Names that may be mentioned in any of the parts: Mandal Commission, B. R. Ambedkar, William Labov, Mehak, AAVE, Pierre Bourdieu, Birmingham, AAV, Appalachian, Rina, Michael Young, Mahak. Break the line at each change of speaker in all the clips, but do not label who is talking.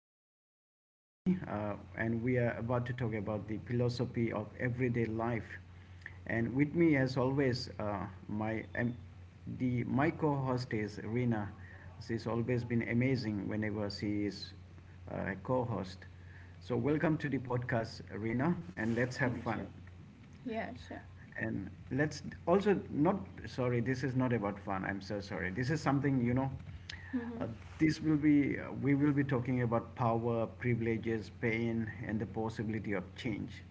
I'm Jimmy, and we are about to talk about the philosophy of everyday life. And with me, as always, my co-host is Rina. She's always been amazing whenever she is a co-host. So welcome to the podcast, Rina, and let's have
Thank
fun
you. Yeah, sure.
and let's also not sorry, this is not about fun. I'm so sorry, this is something
Mhm.
uh, this will be We will be talking about power, privileges, pain, and the possibility of change.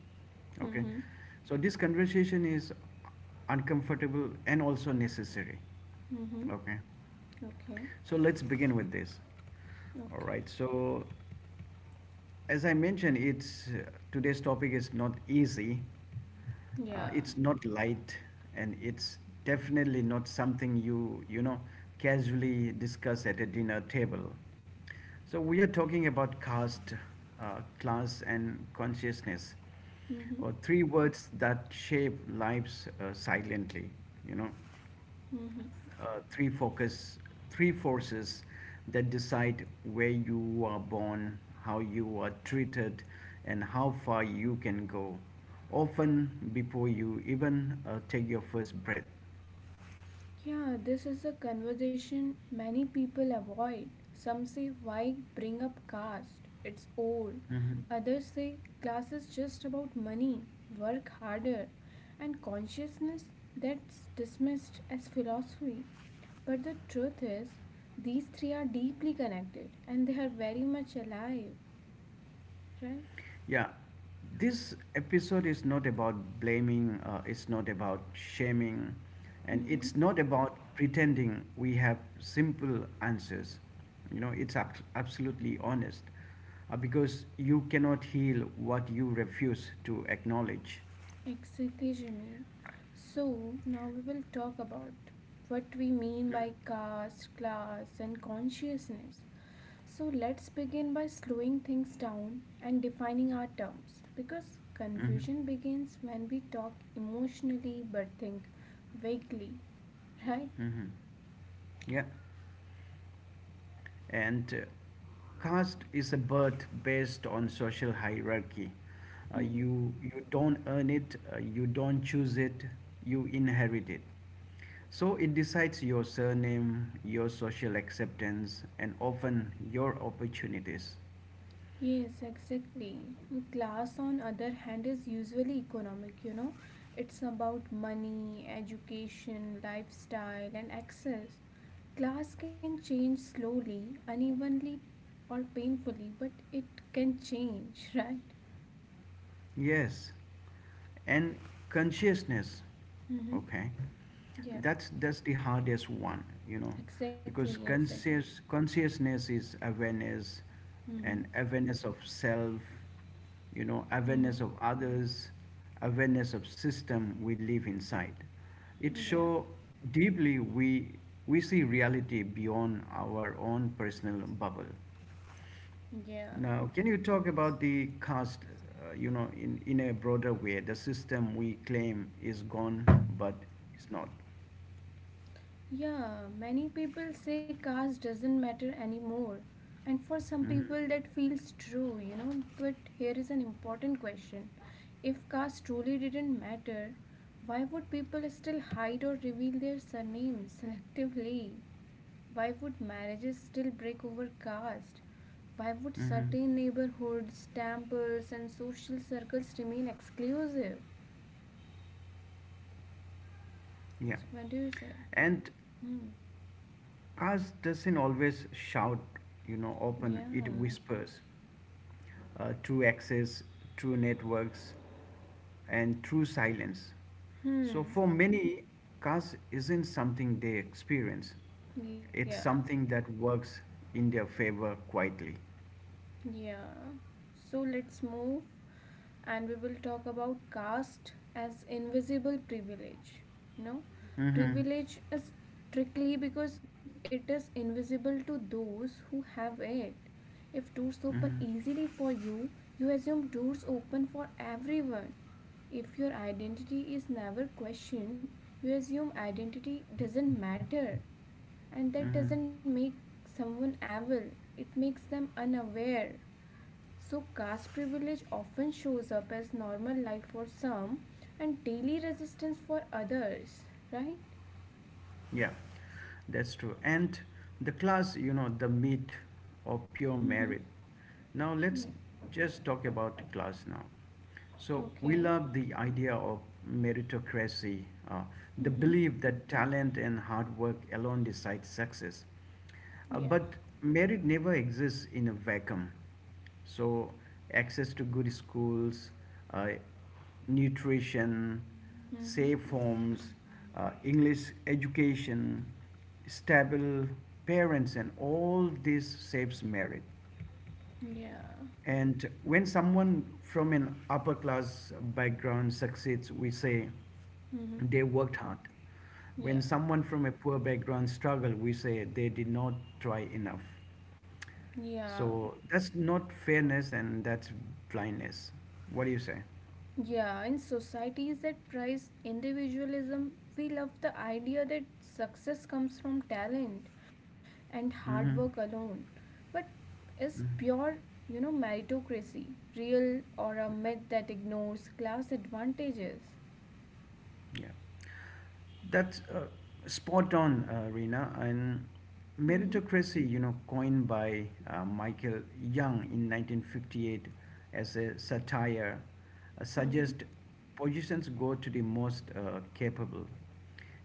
Okay,
Mhm.
so this conversation is uncomfortable and also necessary.
Mhm.
Okay,
Okay.
so let's begin with this. All
Okay.
right. So as I mentioned, it's today's topic is not easy.
Yeah.
It's not light, and it's definitely not something casually discuss at a dinner table. So we are talking about caste, class, and consciousness,
Mhm.
or three words that shape lives silently. You know
Mhm.
uh, three focus, three forces that decide where you are born, how you are treated, and how far you can go, often before you even take your first breath.
Yeah, this is a conversation many people avoid. Some say why bring up caste? It's old.
Mhm.
Others say class is just about money, work harder, and consciousness that's dismissed as philosophy. But the truth is, these three are deeply connected and they are very much alive, right?
Yeah, this episode is not about blaming, it's not about shaming, and
Mm-hmm.
it's not about pretending we have simple answers. You know, it's absolutely honest because you cannot heal what you refuse to acknowledge.
Exactly, Jimmy. So now we will talk about what we mean by caste, class, and consciousness. So let's begin by slowing things down and defining our terms because
Hmm.
confusion begins when we talk emotionally but think vaguely, right?
Hmm. Yeah. And caste is a birth based on social hierarchy. Uh,
Mm-hmm.
you you don't earn it, you don't choose it, you inherit it. So it decides your surname, your social acceptance, and often your opportunities.
Yes, exactly. Class, on other hand, is usually economic. It's about money, education, lifestyle, and access. Class can change slowly, unevenly, or painfully, but it can change, right?
Yes, and consciousness.
Mm-hmm.
Okay,
Yeah,
that's the hardest one, you know, because
exactly, exactly.
consciousness is awareness and
Mm-hmm.
awareness of self, you know, awareness
Mm-hmm.
of others, awareness of system we live inside. It
Yeah,
show deeply we see reality beyond our own personal bubble.
yeah.
Now, can you talk about the cost, you know, in a broader way? The system we claim is gone, but it's not.
Yeah, many people say caste doesn't matter anymore. And for some
Hmm.
people, that feels true. But here is an important question. If caste truly didn't matter, why would people still hide or reveal their surnames selectively? Why would marriages still break over caste? Why would
Hmm.
certain neighborhoods, temples, and social circles remain exclusive?
Yeah.
So, what do you say?
And
Hmm.
cost doesn't always shout, you know, open, it
Yeah.
whispers. True access, true networks, and true silence. So
Hmm.
for many, cast isn't something they experience.
Yeah.
It's something that works in their favor quietly.
Yeah. So let's move and we will talk about caste as invisible privilege. You know,
Mm-hmm.
privilege is tricky because it is invisible to those who have it. If doors open
Mm-hmm.
easily for you, you assume doors open for everyone. If your identity is never questioned, you assume identity doesn't matter, and that
Mm-hmm.
doesn't make someone evil, it makes them unaware. So, caste privilege often shows up as normal life for some and daily resistance for others, right?
Yeah, that's true. And the class, you know, the meat of pure
Mm-hmm.
merit. Now
Yeah.
let's just talk about class now. So we
Okay.
love the idea of meritocracy, uh, the
Mm-hmm.
belief that talent and hard work alone decide success.
Yeah.
But merit never exists in a vacuum. So access to good schools, uh, nutrition, safe
Mm-hmm.
homes, English education, stable parents, and all this saves merit.
Yeah.
And when someone from an upper class background succeeds, we say
Mm-hmm.
they worked hard. When
Yeah.
someone from a poor background struggle, we say they did not try enough.
Yeah.
So that's not fairness and that's blindness. What do you say?
Yeah, in societies that prize individualism, we love the idea that success comes from talent and hard work
Mm-hmm.
alone. But is
Hmm.
pure, meritocracy real or a myth that ignores class advantages?
Yeah. That's spot on, Rina. And
Mm-hmm.
meritocracy, you know, coined by Michael Young in 1958 as a satire,
Mm-hmm.
suggests positions go to the most capable.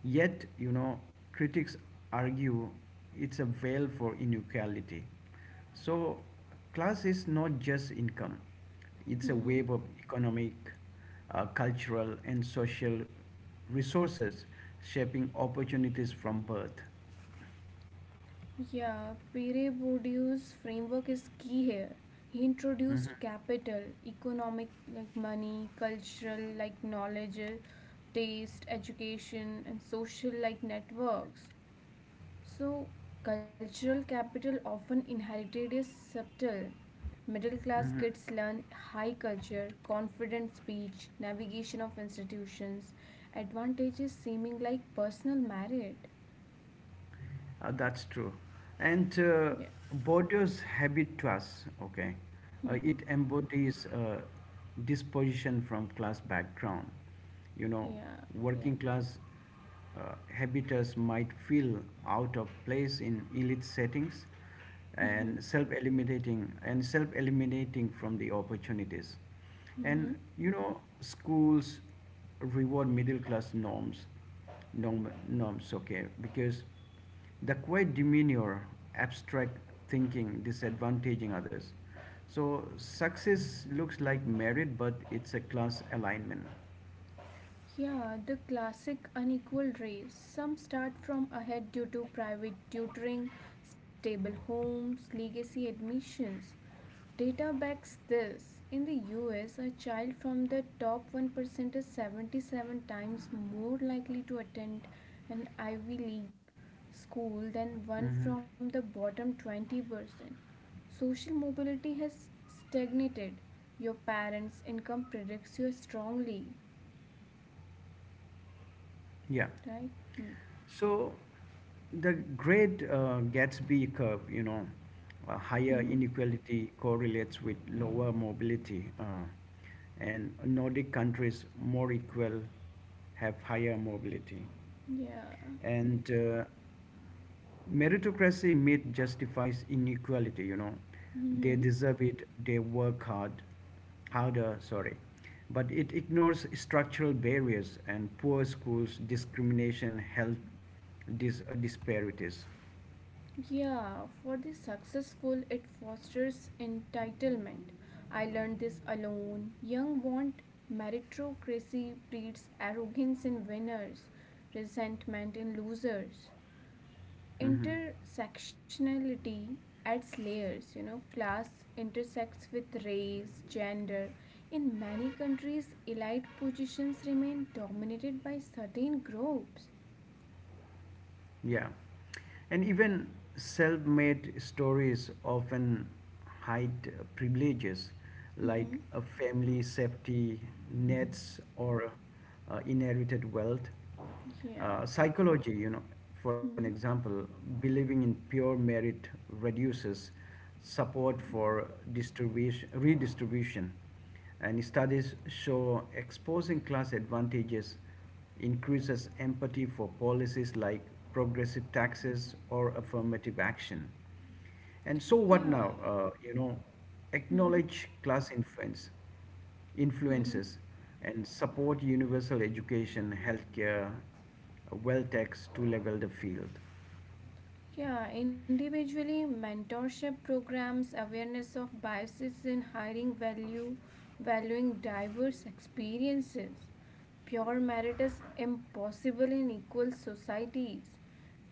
Yet, you know, critics argue it's a veil for inequality. So class is not just income, it's a web
Mm-hmm.
of economic, cultural, and social resources shaping opportunities from birth.
Yeah, Pere Bourdieu's framework is key here. He
Mhm.
introduced capital, economic like money, cultural like knowledge, taste, education, and social like networks. So, cultural capital often inherited is subtle. Middle class
Mhm.
kids learn high culture, confident speech, navigation of institutions, advantages seeming like personal merit.
That's true. And
Yeah.
borders habit to us, okay?
Mm-hmm.
It embodies disposition from class background. You know,
Yeah. Yeah.
working class habitants might feel out of place in elite settings,
Mm-hmm.
and self-eliminating from the opportunities.
Mm-hmm.
And you know, schools reward middle class norms, norms, okay, because the quiet demeanor, abstract thinking, disadvantaging others. So success looks like merit, but it's a class alignment.
Yeah, the classic unequal race. Some start from ahead due to private tutoring, stable homes, legacy admissions. Data backs this. In the U. S., a child from the top 1% is 77 times more likely to attend an Ivy League school than
Mhm.
one from the bottom 20%. Social mobility has stagnated. Your parents' income predicts you strongly,
Yeah.
right? Hmm.
So the great Gatsby curve, you know, higher
hmm
inequality correlates with lower mobility, and Nordic countries more equal have higher mobility.
Yeah.
And meritocracy myth justifies inequality, you know, they
Hmm.
deserve it, they work hard, harder, sorry, but it ignores structural barriers and poor schools, discrimination, health disparities.
Yeah, for the successful, it fosters entitlement. I learned this alone. Young want meritocracy breeds arrogance in winners, resentment in losers.
Mhm.
Intersectionality adds layers, class intersects with race, gender. In many countries, elite positions remain dominated by certain groups.
Yeah. And even self made stories often hide privileges like
Hmm.
a family safety nets or inherited wealth.
Yeah.
Psychology, you know, for an
Hmm.
example, believing in pure merit reduces support for redistribution. And studies show exposing class advantages increases empathy for policies like progressive taxes or affirmative action. And so what
Yeah.
now? You know,
hmm
acknowledge class influences,
hmm
and support universal education, healthcare, well tax to level the field.
Yeah. Individually, mentorship programs, awareness of biases in hiring value, valuing diverse experiences. Pure merit is impossible in equal societies.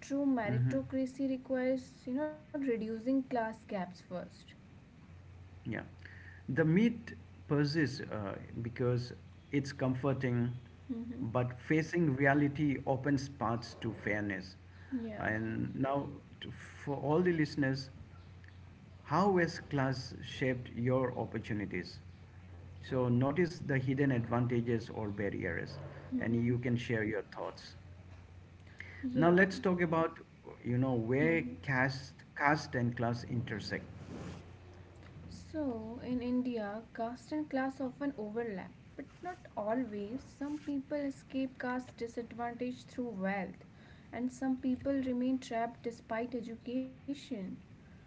True
Mhm.
meritocracy requires, reducing class gaps first.
Yeah, the myth persists because it's comforting,
Mm-hmm.
but facing reality opens paths to fairness.
Yeah.
And now, for all the listeners, how has class shaped your opportunities? So notice the hidden advantages or barriers, and
Mm-hmm.
you can share your thoughts. Now,
Yeah.
let's talk about, you know, where
Mm-hmm.
caste and class intersect.
So, in India, caste and class often overlap, but not always. Some people escape caste disadvantage through wealth, and some people remain trapped despite education.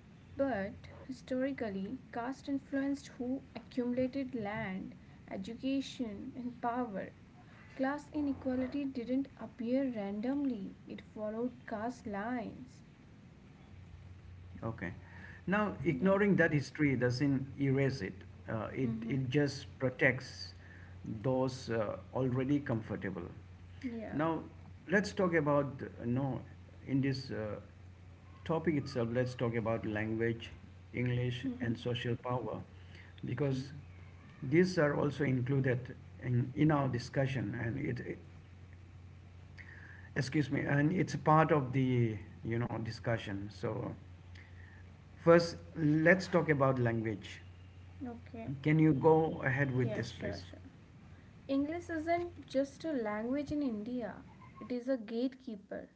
But historically, caste influenced who accumulated land, education, and power. Class inequality didn't appear randomly, it followed caste lines.
Okay. Now,
Yeah.
ignoring that history doesn't erase it. Uh, it
Mm-hmm.
it just protects those already comfortable.
Yeah.
Now, let's talk about no in this topic itself. Let's talk about language, English,
Mm-hmm.
and social power,
Okay.
because these are also included in our discussion, and it, excuse me, and it's a part of the discussion. So first, let's talk about language.
Okay.
Can you go ahead with
Yeah,
this,
sure,
please?
sure. English isn't just a language in India, it is a gatekeeper.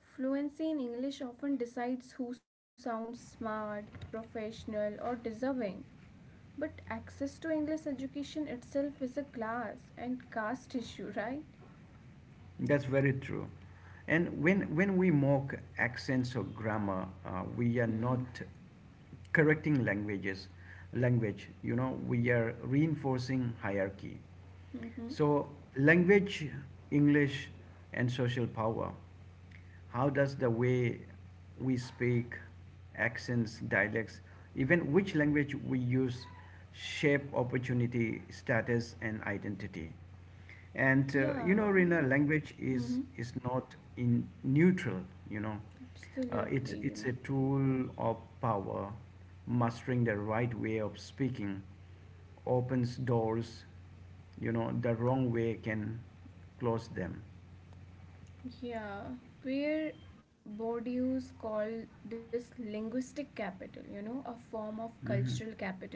Fluency in English often decides who sounds smart, professional, or deserving. But access to English education itself is a class and caste issue, right?
That's very true. And when we mock accents or grammar, we are
Mm-hmm.
not correcting language. You know, we are reinforcing hierarchy.
Mm-hmm.
So language, English, and social power. How does the way we speak, accents, dialects, even which language we use, shape opportunity, status, and identity? And you
Yeah.
know, Rina, language
Mm-hmm.
is not in neutral. You know, uh, it's
Absolutely,
it's a
Jimmy.
tool of power. Mastering the right way of speaking opens doors. You know, the wrong way can close them.
Yeah. Where Bourdieu called this linguistic capital, a form of
Mm-hmm.
cultural capital.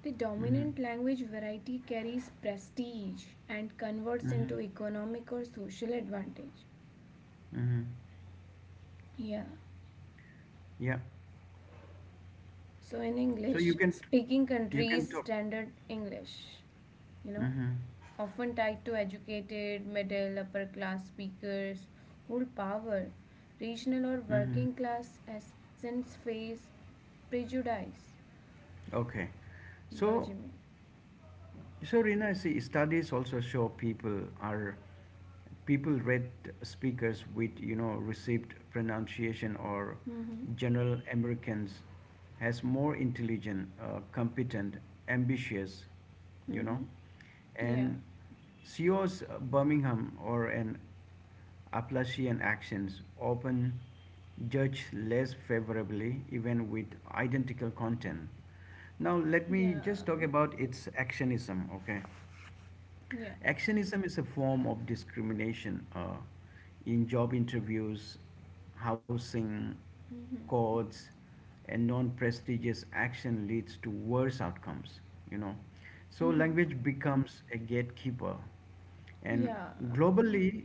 The
Mm-hmm.
dominant language variety carries prestige and converts
Mm-hmm.
into economic or social advantage.
Mm-hmm.
Yeah.
Yeah.
So in
So
English,
you can
speaking
you can
countries,
talk.
standard English, you know,
Mm-hmm.
often tied to educated, middle, upper class speakers, hold power. Regional or
Mm-hmm.
working class accents face prejudice.
Okay.
Yeah, Jimmy.
So, so Rina, see, studies also show people are people read speakers with, you know, received pronunciation or
Mm-hmm.
general Americans as more intelligent, competent, ambitious,
Mm-hmm.
you know,
Yeah.
and CEOs Birmingham or an Applasian actions often judge less favorably even with identical content. Now let me
Yeah.
just talk about its actionism, okay?
Yeah.
Actionism is a form of discrimination in job interviews, housing,
Mm-hmm.
courts, and non-prestigious action leads to worse outcomes. You know, so
Mm-hmm.
language becomes a gatekeeper, and
Yeah.
globally,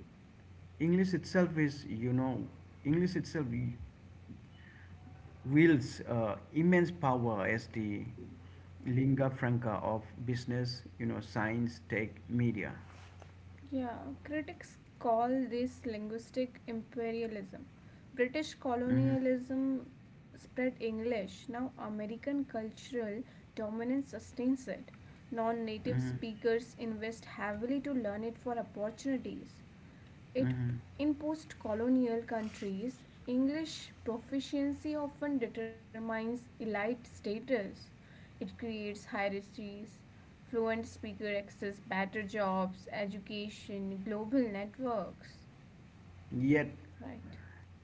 English itself is you know, English itself wields immense power as the lingua franca of business, you know, science, tech, media.
Yeah, critics call this linguistic imperialism. British
Mhm.
colonialism spread English, now American cultural dominance sustains it. Non native
Mhm.
speakers invest heavily to learn it for opportunities. It
Mhm.
in post-colonial countries, English proficiency often determines elite status. It creates hierarchies. Fluent speaker access better jobs, education, global networks.
Yet,
Right.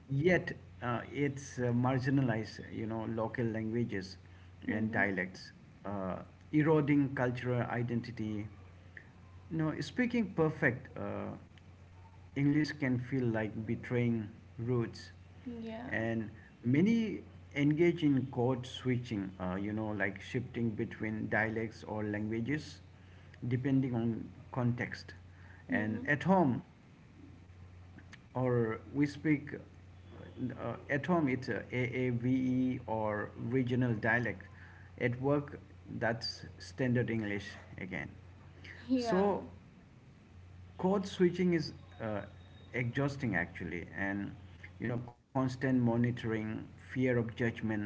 yet it's marginalized, you know, local languages
Mm-hmm.
and dialects, uh, eroding cultural identity. No, speaking perfect English can feel like betraying roots,
Yeah.
and many engage in code switching, you know, like shifting between dialects or languages depending on context.
Mm-hmm.
And at home, or we speak at home it's a AAVE or regional dialect. At work, that's standard English again.
Yeah.
So code switching is uh, exhausting actually, and you know constant monitoring, fear of judgment.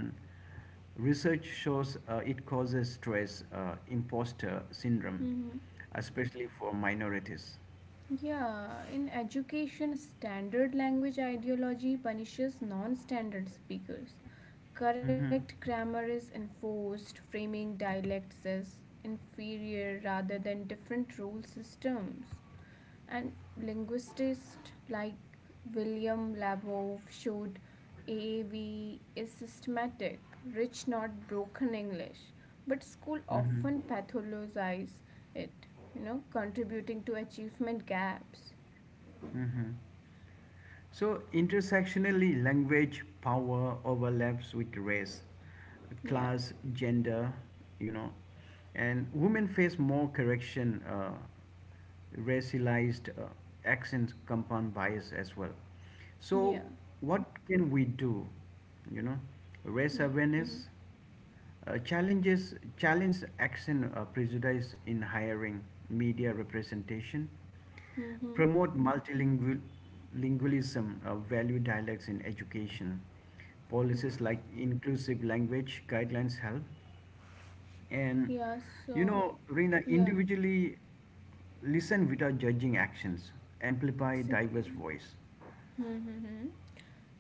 Research shows it causes stress, imposter syndrome,
Mm-hmm.
especially for minorities.
Yeah, in education, standard language ideology punishes non standard speakers.
Mhm.
Correct grammar is enforced, framing dialects as inferior rather than different rule systems. And linguists like William Labov showed AAV is systematic, rich, not broken English. But school
Mm-hmm.
often pathologize it, contributing to achievement gaps.
Mm-hmm. So intersectionally, language power overlaps with race,
Yeah,
class, gender, you know, and women face more correction, racialized accents compound bias as well. So
yeah.
what can we do? You know, race
Mm-hmm.
awareness, challenge accent prejudice in hiring, media representation,
Mm-hmm.
promote multilingualism, value dialects in education.
Mm-hmm.
Policies like inclusive language guidelines help. And
Yeah,
you
so,
know, Rina,
yeah,
individually listen without judging actions, amplify
exactly.
diverse voice.
Mm-hmm. Mm-hmm.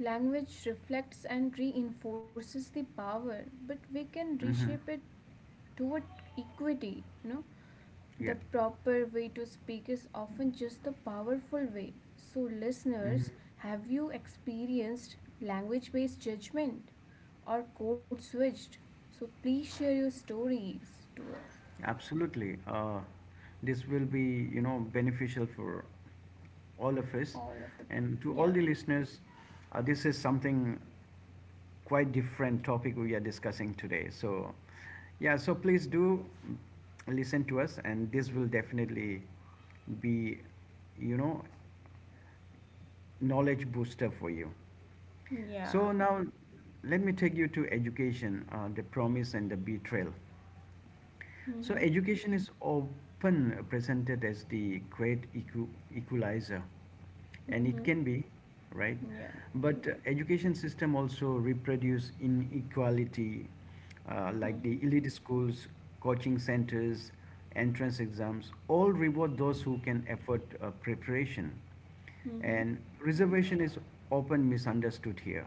Language reflects and reinforces the power, but we can
Hmm.
reshape it toward equity.
Yeah.
The proper way to speak is often just the powerful way. So
Hmm.
listeners, have you experienced language based judgment or code switched? So please share your stories to us.
Absolutely. This will be, you know, beneficial for all of us. And to all
Yeah.
the listeners, this is something quite different topic we are discussing today. So yeah, so please do listen to us, and this will definitely be, you know, knowledge booster for you.
Yeah.
So now, let me take you to education, the promise and the betrayal. So
Mhm.
education is often presented as the great equalizer, and it
Mhm.
can be, right?
Yeah.
But
Yeah.
education system also reproduce inequality, like
Mhm.
the elite schools, coaching centers, entrance exams, all reward those who can afford preparation.
Mhm.
And reservation is often misunderstood here.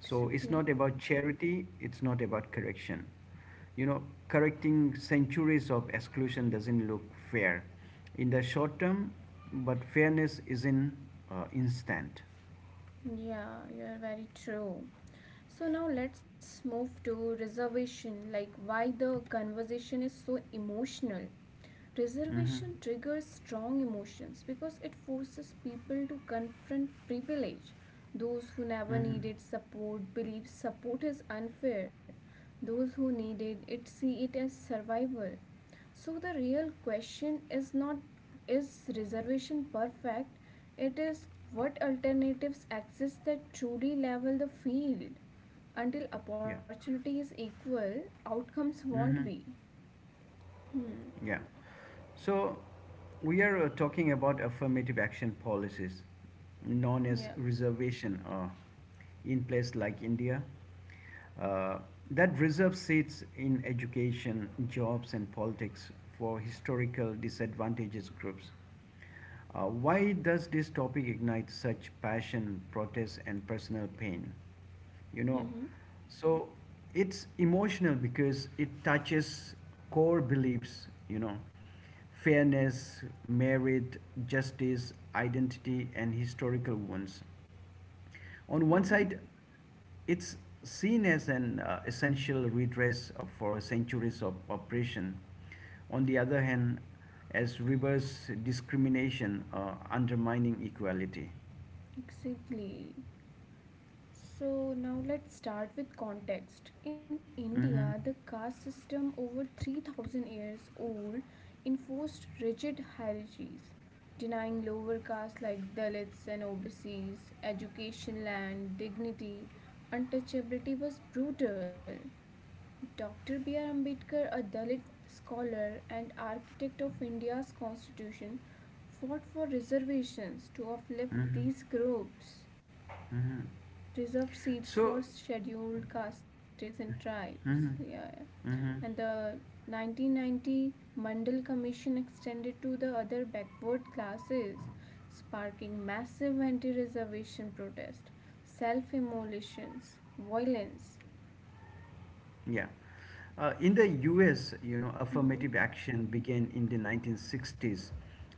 So it's not about charity, it's not about correction. You know, correcting centuries of exclusion doesn't look fair in the short term, but fairness isn't instant.
Yeah, you're very true. So now let's move to reservation, like why the conversation is so emotional.
Mm-hmm.
Reservation triggers strong emotions because it forces people to confront privilege. Those who never
Mm-hmm.
needed support believe support is unfair. Those who needed it see it as survival. So the real question is not, is reservation perfect? It is what alternatives exist that truly level the field. Until
Yeah.
opportunity is equal, outcomes won't
Mm-hmm.
be. Hmm.
Yeah. So we are talking about affirmative action policies, known as
Yeah.
reservation, in place like India, uh, that reserve seats in education, jobs, and politics for historical disadvantaged groups. Why does this topic ignite such passion, protest, and personal pain? You know,
Mm-hmm.
so it's emotional because it touches core beliefs, you know, fairness, merit, justice, identity, and historical wounds. On one
Mm-hmm.
side, it's seen as an essential redress for centuries of oppression. On the other hand, as reverse discrimination undermining equality.
Exactly. So now let's start with context. In India, the
Hmm.
caste system over 3,000 years old enforced rigid hierarchies, denying lower castes like Dalits and OBCs education, land, dignity. Untouchability was brutal. Dr. B. R. Ambedkar, a Dalit scholar and architect of India's constitution, fought for reservations to uplift
Hmm.
these groups,
Hmm.
reserve seats for
So,
scheduled castes and tribes.
hmm.
Yeah. Yeah.
Hmm.
And the 1990 Mandal Commission extended to the other backward classes, sparking massive anti reservation protest, self immolations, violence.
Yeah. In the US, you know,
Mhm.
affirmative action began in the 1960s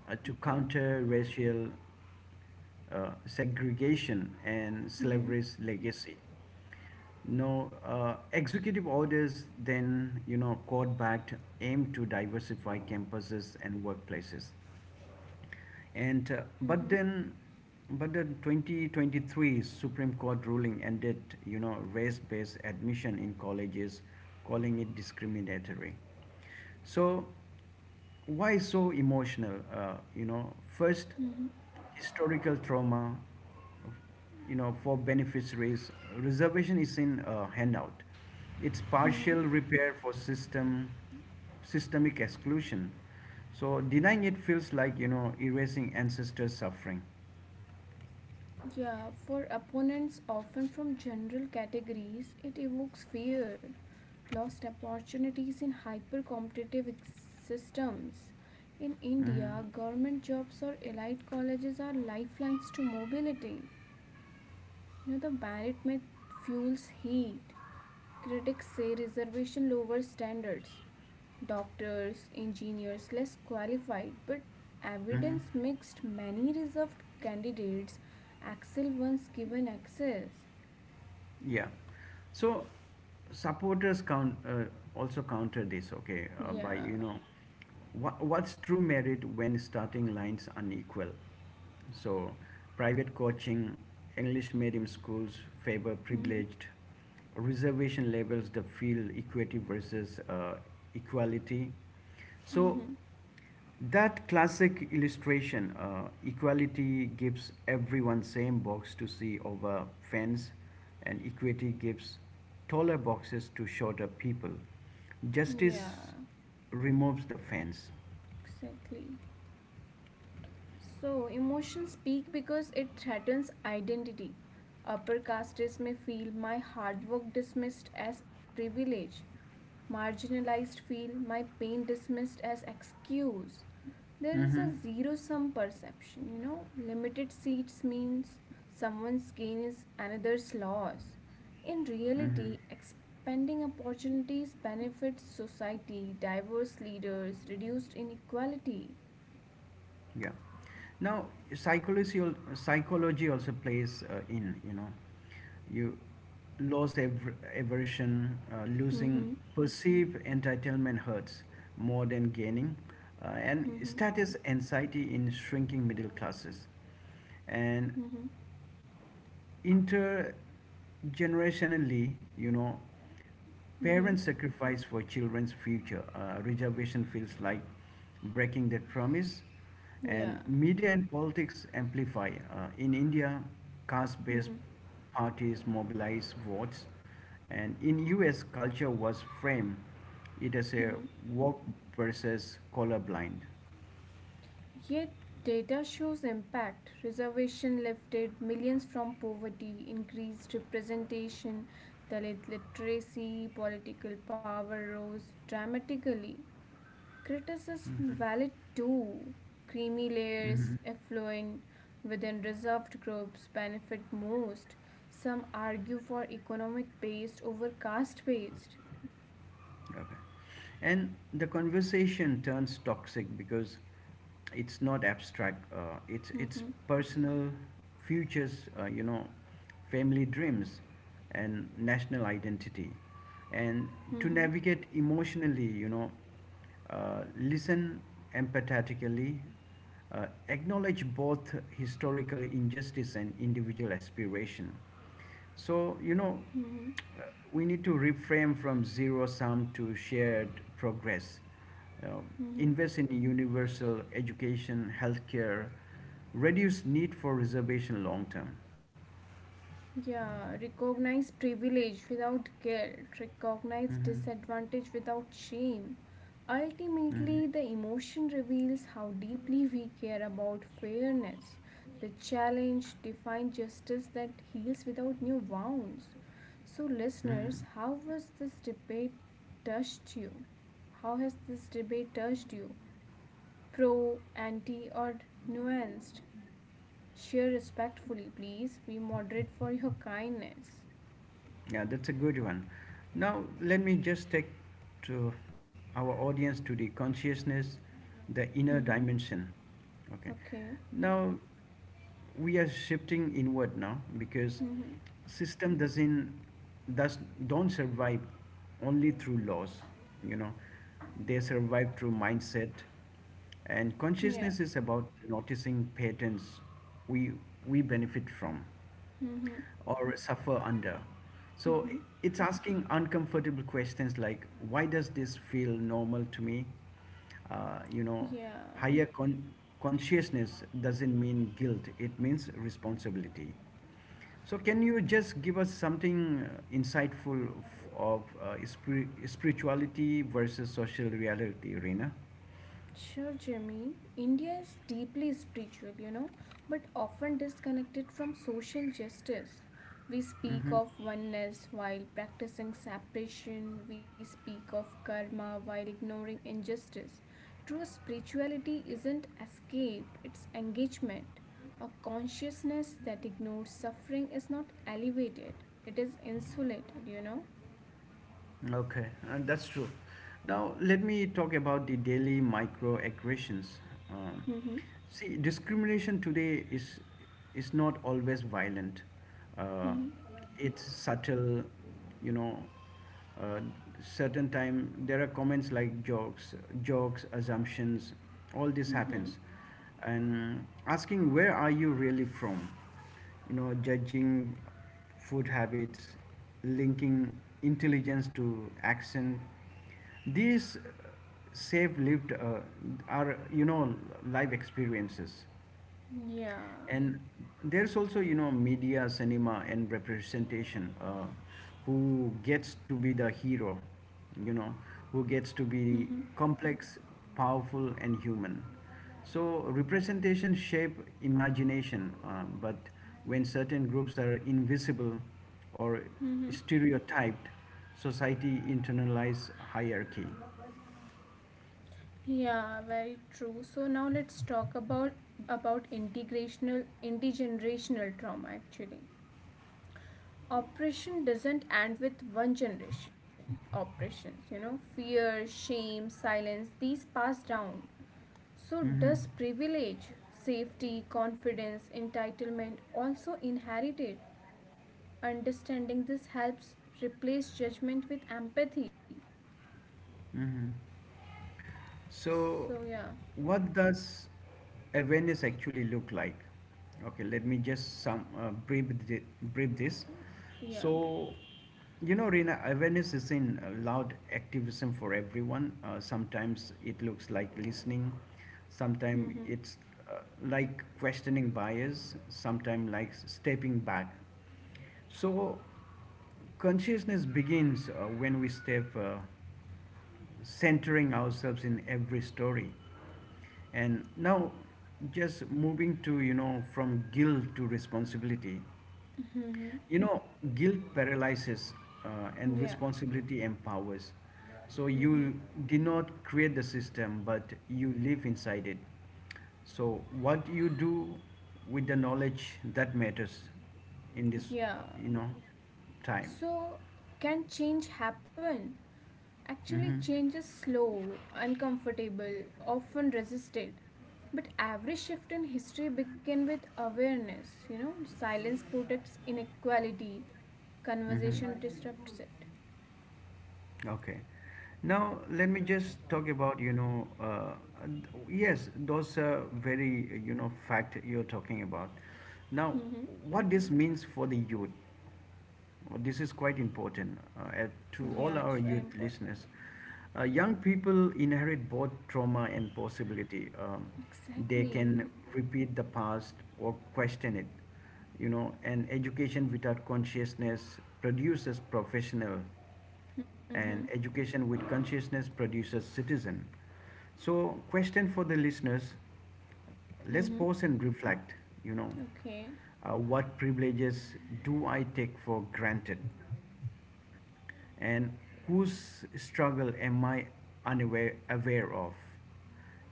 to
Okay.
counter racial segregation and
Mhm.
slavery's legacy. No, executive orders then, you know, court-backed aim to diversify campuses and workplaces. And uh, but
Hmm.
then, but the 2023 Supreme Court ruling ended, race-based admission in colleges, calling it discriminatory. So, why so emotional? First, historical trauma, you know, for beneficiaries, reservation is in handout. It's partial repair for systemic exclusion. So denying it feels like erasing ancestors' suffering.
Yeah, for opponents, often from general categories, it evokes fear, lost opportunities in hyper competitive systems. In
hmm
India, government jobs or elite colleges are lifelines to mobility. You know, the merit myth fuels heat. Critics say reservation lowers standards. Doctors, engineers, less qualified, but
hmm
evidence mixed. Many reserved candidates excel once given access.
Yeah. So supporters counter this, okay,
Yeah.
what's true merit when starting lines unequal? So private coaching, English medium schools favor
Mm-hmm.
privileged, reservation labels the field equity versus equality. So
Mm-hmm. Mm-hmm.
that classic illustration, equality gives everyone same box to see over fence, and equity gives taller boxes to shorter people. Justice
Yeah,
removes the fence.
exactly. So, emotions peak because it threatens identity. Upper castes may feel my hard work dismissed as privilege. Marginalized feel my pain dismissed as excuse. There is
Mm-hmm.
a zero sum perception. Limited seats means someone's gain is another's loss. In
Mm-hmm.
reality, expanding opportunities benefits society, diverse leaders, reduced inequality.
Yeah. Now, psychology also plays in you know you aversion, losing
Mm-hmm.
perceived entitlement hurts more than gaining, and
Mm-hmm.
status anxiety in shrinking middle classes, and
Mm-hmm.
intergenerationally, you know,
Mm-hmm.
parents sacrifice for children's future. Reservation feels like breaking that promise, and
Yeah.
media and politics amplify. In India, caste-based
Mm-hmm.
parties mobilize votes, and in U.S., culture was framed it as a
Mm-hmm.
woke versus colorblind.
Yet data shows impact. Reservation lifted millions from poverty, increased representation, Dalit literacy, political power rose dramatically. Criticism valid too. Creamy layers,
Mhm.
affluent within reserved groups benefit most. Some argue for economic based over caste based.
Okay. And the conversation turns toxic because it's not abstract. It's
Mm-hmm.
personal futures. You know, family dreams, and national identity. And
Mm-hmm.
to navigate emotionally, you know, listen empathetically, acknowledge both historical injustice and individual aspiration. So
Mm-hmm.
we need to reframe from zero sum to shared progress. Uh,
Mhm.
invest in universal education, healthcare, reduce need for reservation long term.
Yeah, recognize privilege without guilt, recognize
Mm-hmm.
disadvantage without shame.
Mm-hmm.
Ultimately, the emotion reveals how deeply we care about fairness. The challenge defines justice that heals without new wounds. So, listeners, how was this debate touched you? How has this debate touched you? Pro, anti, or nuanced? Share respectfully, please. Be moderate for your kindness.
Yeah, that's a good one. Now, let me just take to our audience to the consciousness, the inner
Mm-hmm.
dimension. Okay.
Okay.
Now, we are shifting inward now because
Mm-hmm.
system doesn't does don't survive only through laws, you know, they survive through mindset, and consciousness
Yeah.
is about noticing patterns we we benefit from
Mm-hmm.
or suffer under. So
Mm-hmm.
it's asking uncomfortable questions like, why does this feel normal to me? Uh, you know,
Yeah.
higher consciousness doesn't mean guilt, it means responsibility. So, can you just give us something insightful of spirituality versus social reality, Reena?
Sure, Jimmy. India is deeply spiritual, but often disconnected from social justice. We speak of oneness while practicing separation, we speak of karma while ignoring injustice. True spirituality isn't escape, it's engagement. A consciousness that ignores suffering is not elevated, it is insulated.
Okay, that's true. Now, let me talk about the daily microaggressions. Um,
Mm-hmm.
see, discrimination today is not always violent, uh,
Mm-hmm.
it's subtle, you know. Uh, certain time there are comments like jokes, assumptions, all this
Mm-hmm.
happens. And asking, where are you really from? You know, judging food habits, linking intelligence to action, these save lived are, life experiences,
Yeah.
and there's also, you know, media cinema and representation. Who gets to be the hero? You know, who gets to be
Mm-hmm.
complex, powerful, and human. So representation shape imagination, but when certain groups are invisible or
Mm-hmm.
stereotyped, society internalize hierarchy.
Yeah, very true. So now let's talk about integrational intergenerational trauma actually. Oppression doesn't end with one generation. Oppressions, fear, shame, silence, these pass down. So does privilege, safety, confidence, entitlement also inherited? Understanding this helps replace judgment with empathy.
So,
So yeah,
what does awareness actually look like? Okay, let me just some brief this.
yeah, brief.
So, you know, Rina, awareness is in loud activism for everyone. Sometimes it looks like listening. Sometimes
Mm-hmm.
it's uh, like questioning bias. Sometimes like stepping back. So, consciousness begins when we step centering ourselves in every story. And now, just moving to, you know, from guilt to responsibility.
Mm-hmm.
You know, guilt paralyzes, and
Yeah.
responsibility empowers. So
Hmm.
you did not create the system, but you live inside it. So what you do with the knowledge that matters in this,
Yeah.
time.
So, can change happen? Actually,
Mm-hmm.
change is slow, uncomfortable, often resisted. But every shift in history began with awareness. You know, silence protects inequality,
Mm-hmm.
conversation disrupts it.
Okay. Now let me just talk about yes, those are very, you know, fact you're talking about. Now,
Hmm.
what this means for the youth. Well, this is quite important to
Yeah,
all our
it's very
youth
important.
listeners. Young people inherit both trauma and possibility. They
Exactly.
can repeat the past or question it. You know, and education without consciousness produces professional,
Hmm.
and education with consciousness produces citizen. So question for the listeners, let's
Hmm.
pause and reflect. you know
Okay.
what privileges do I take for granted, and whose struggle am I unaware aware of,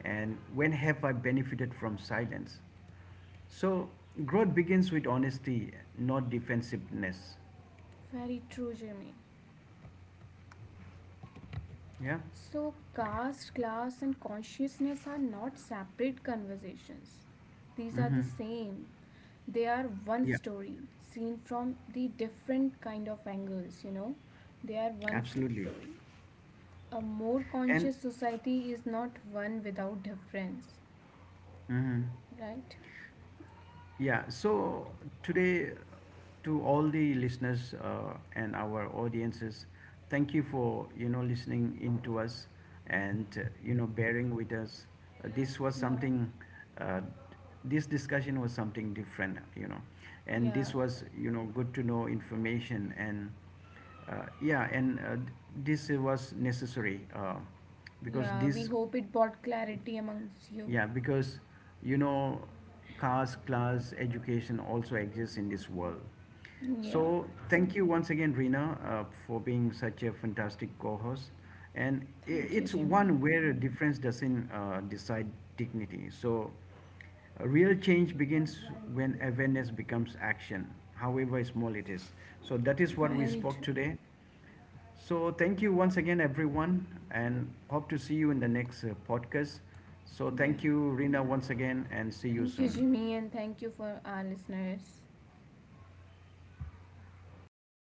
and when have I benefited from silence? So growth begins with honesty, not defensiveness.
Very true, Jimmy.
Yeah.
So, caste, class, and consciousness are not separate conversations. These are the
Mm-hmm.
same. They are one
Yeah,
story, seen from the different kind of angles. They are one
absolutely.
story. A more
And
conscious society is not one without difference,
mhm.
right?
Yeah, so today, to all the listeners and our audiences, thank you for, you know, listening into us, and bearing with us. This was
Yeah,
something. Uh, this discussion was something different, you know, and this
yeah,
was, you know, good to know information, and uh, yeah, and uh, this was necessary, because
yeah. We
this
hope it brought clarity amongst you.
yeah, because, you know, caste, class, education also exists in this world.
Yeah,
So thank you
exactly.
once again, Rina, for being such a fantastic co-host. And
Thank you,
it's
Jimmy.
one where difference doesn't decide dignity. So a real change begins when awareness becomes action, however small it is. So that is what we
Very
spoke
true.
today. So, thank you once again, everyone, and hope to see you in the next podcast. So,
Yeah.
thank you, Rina, once again, and see you
Thank you,
soon.
Jimmy, and thank you for our listeners.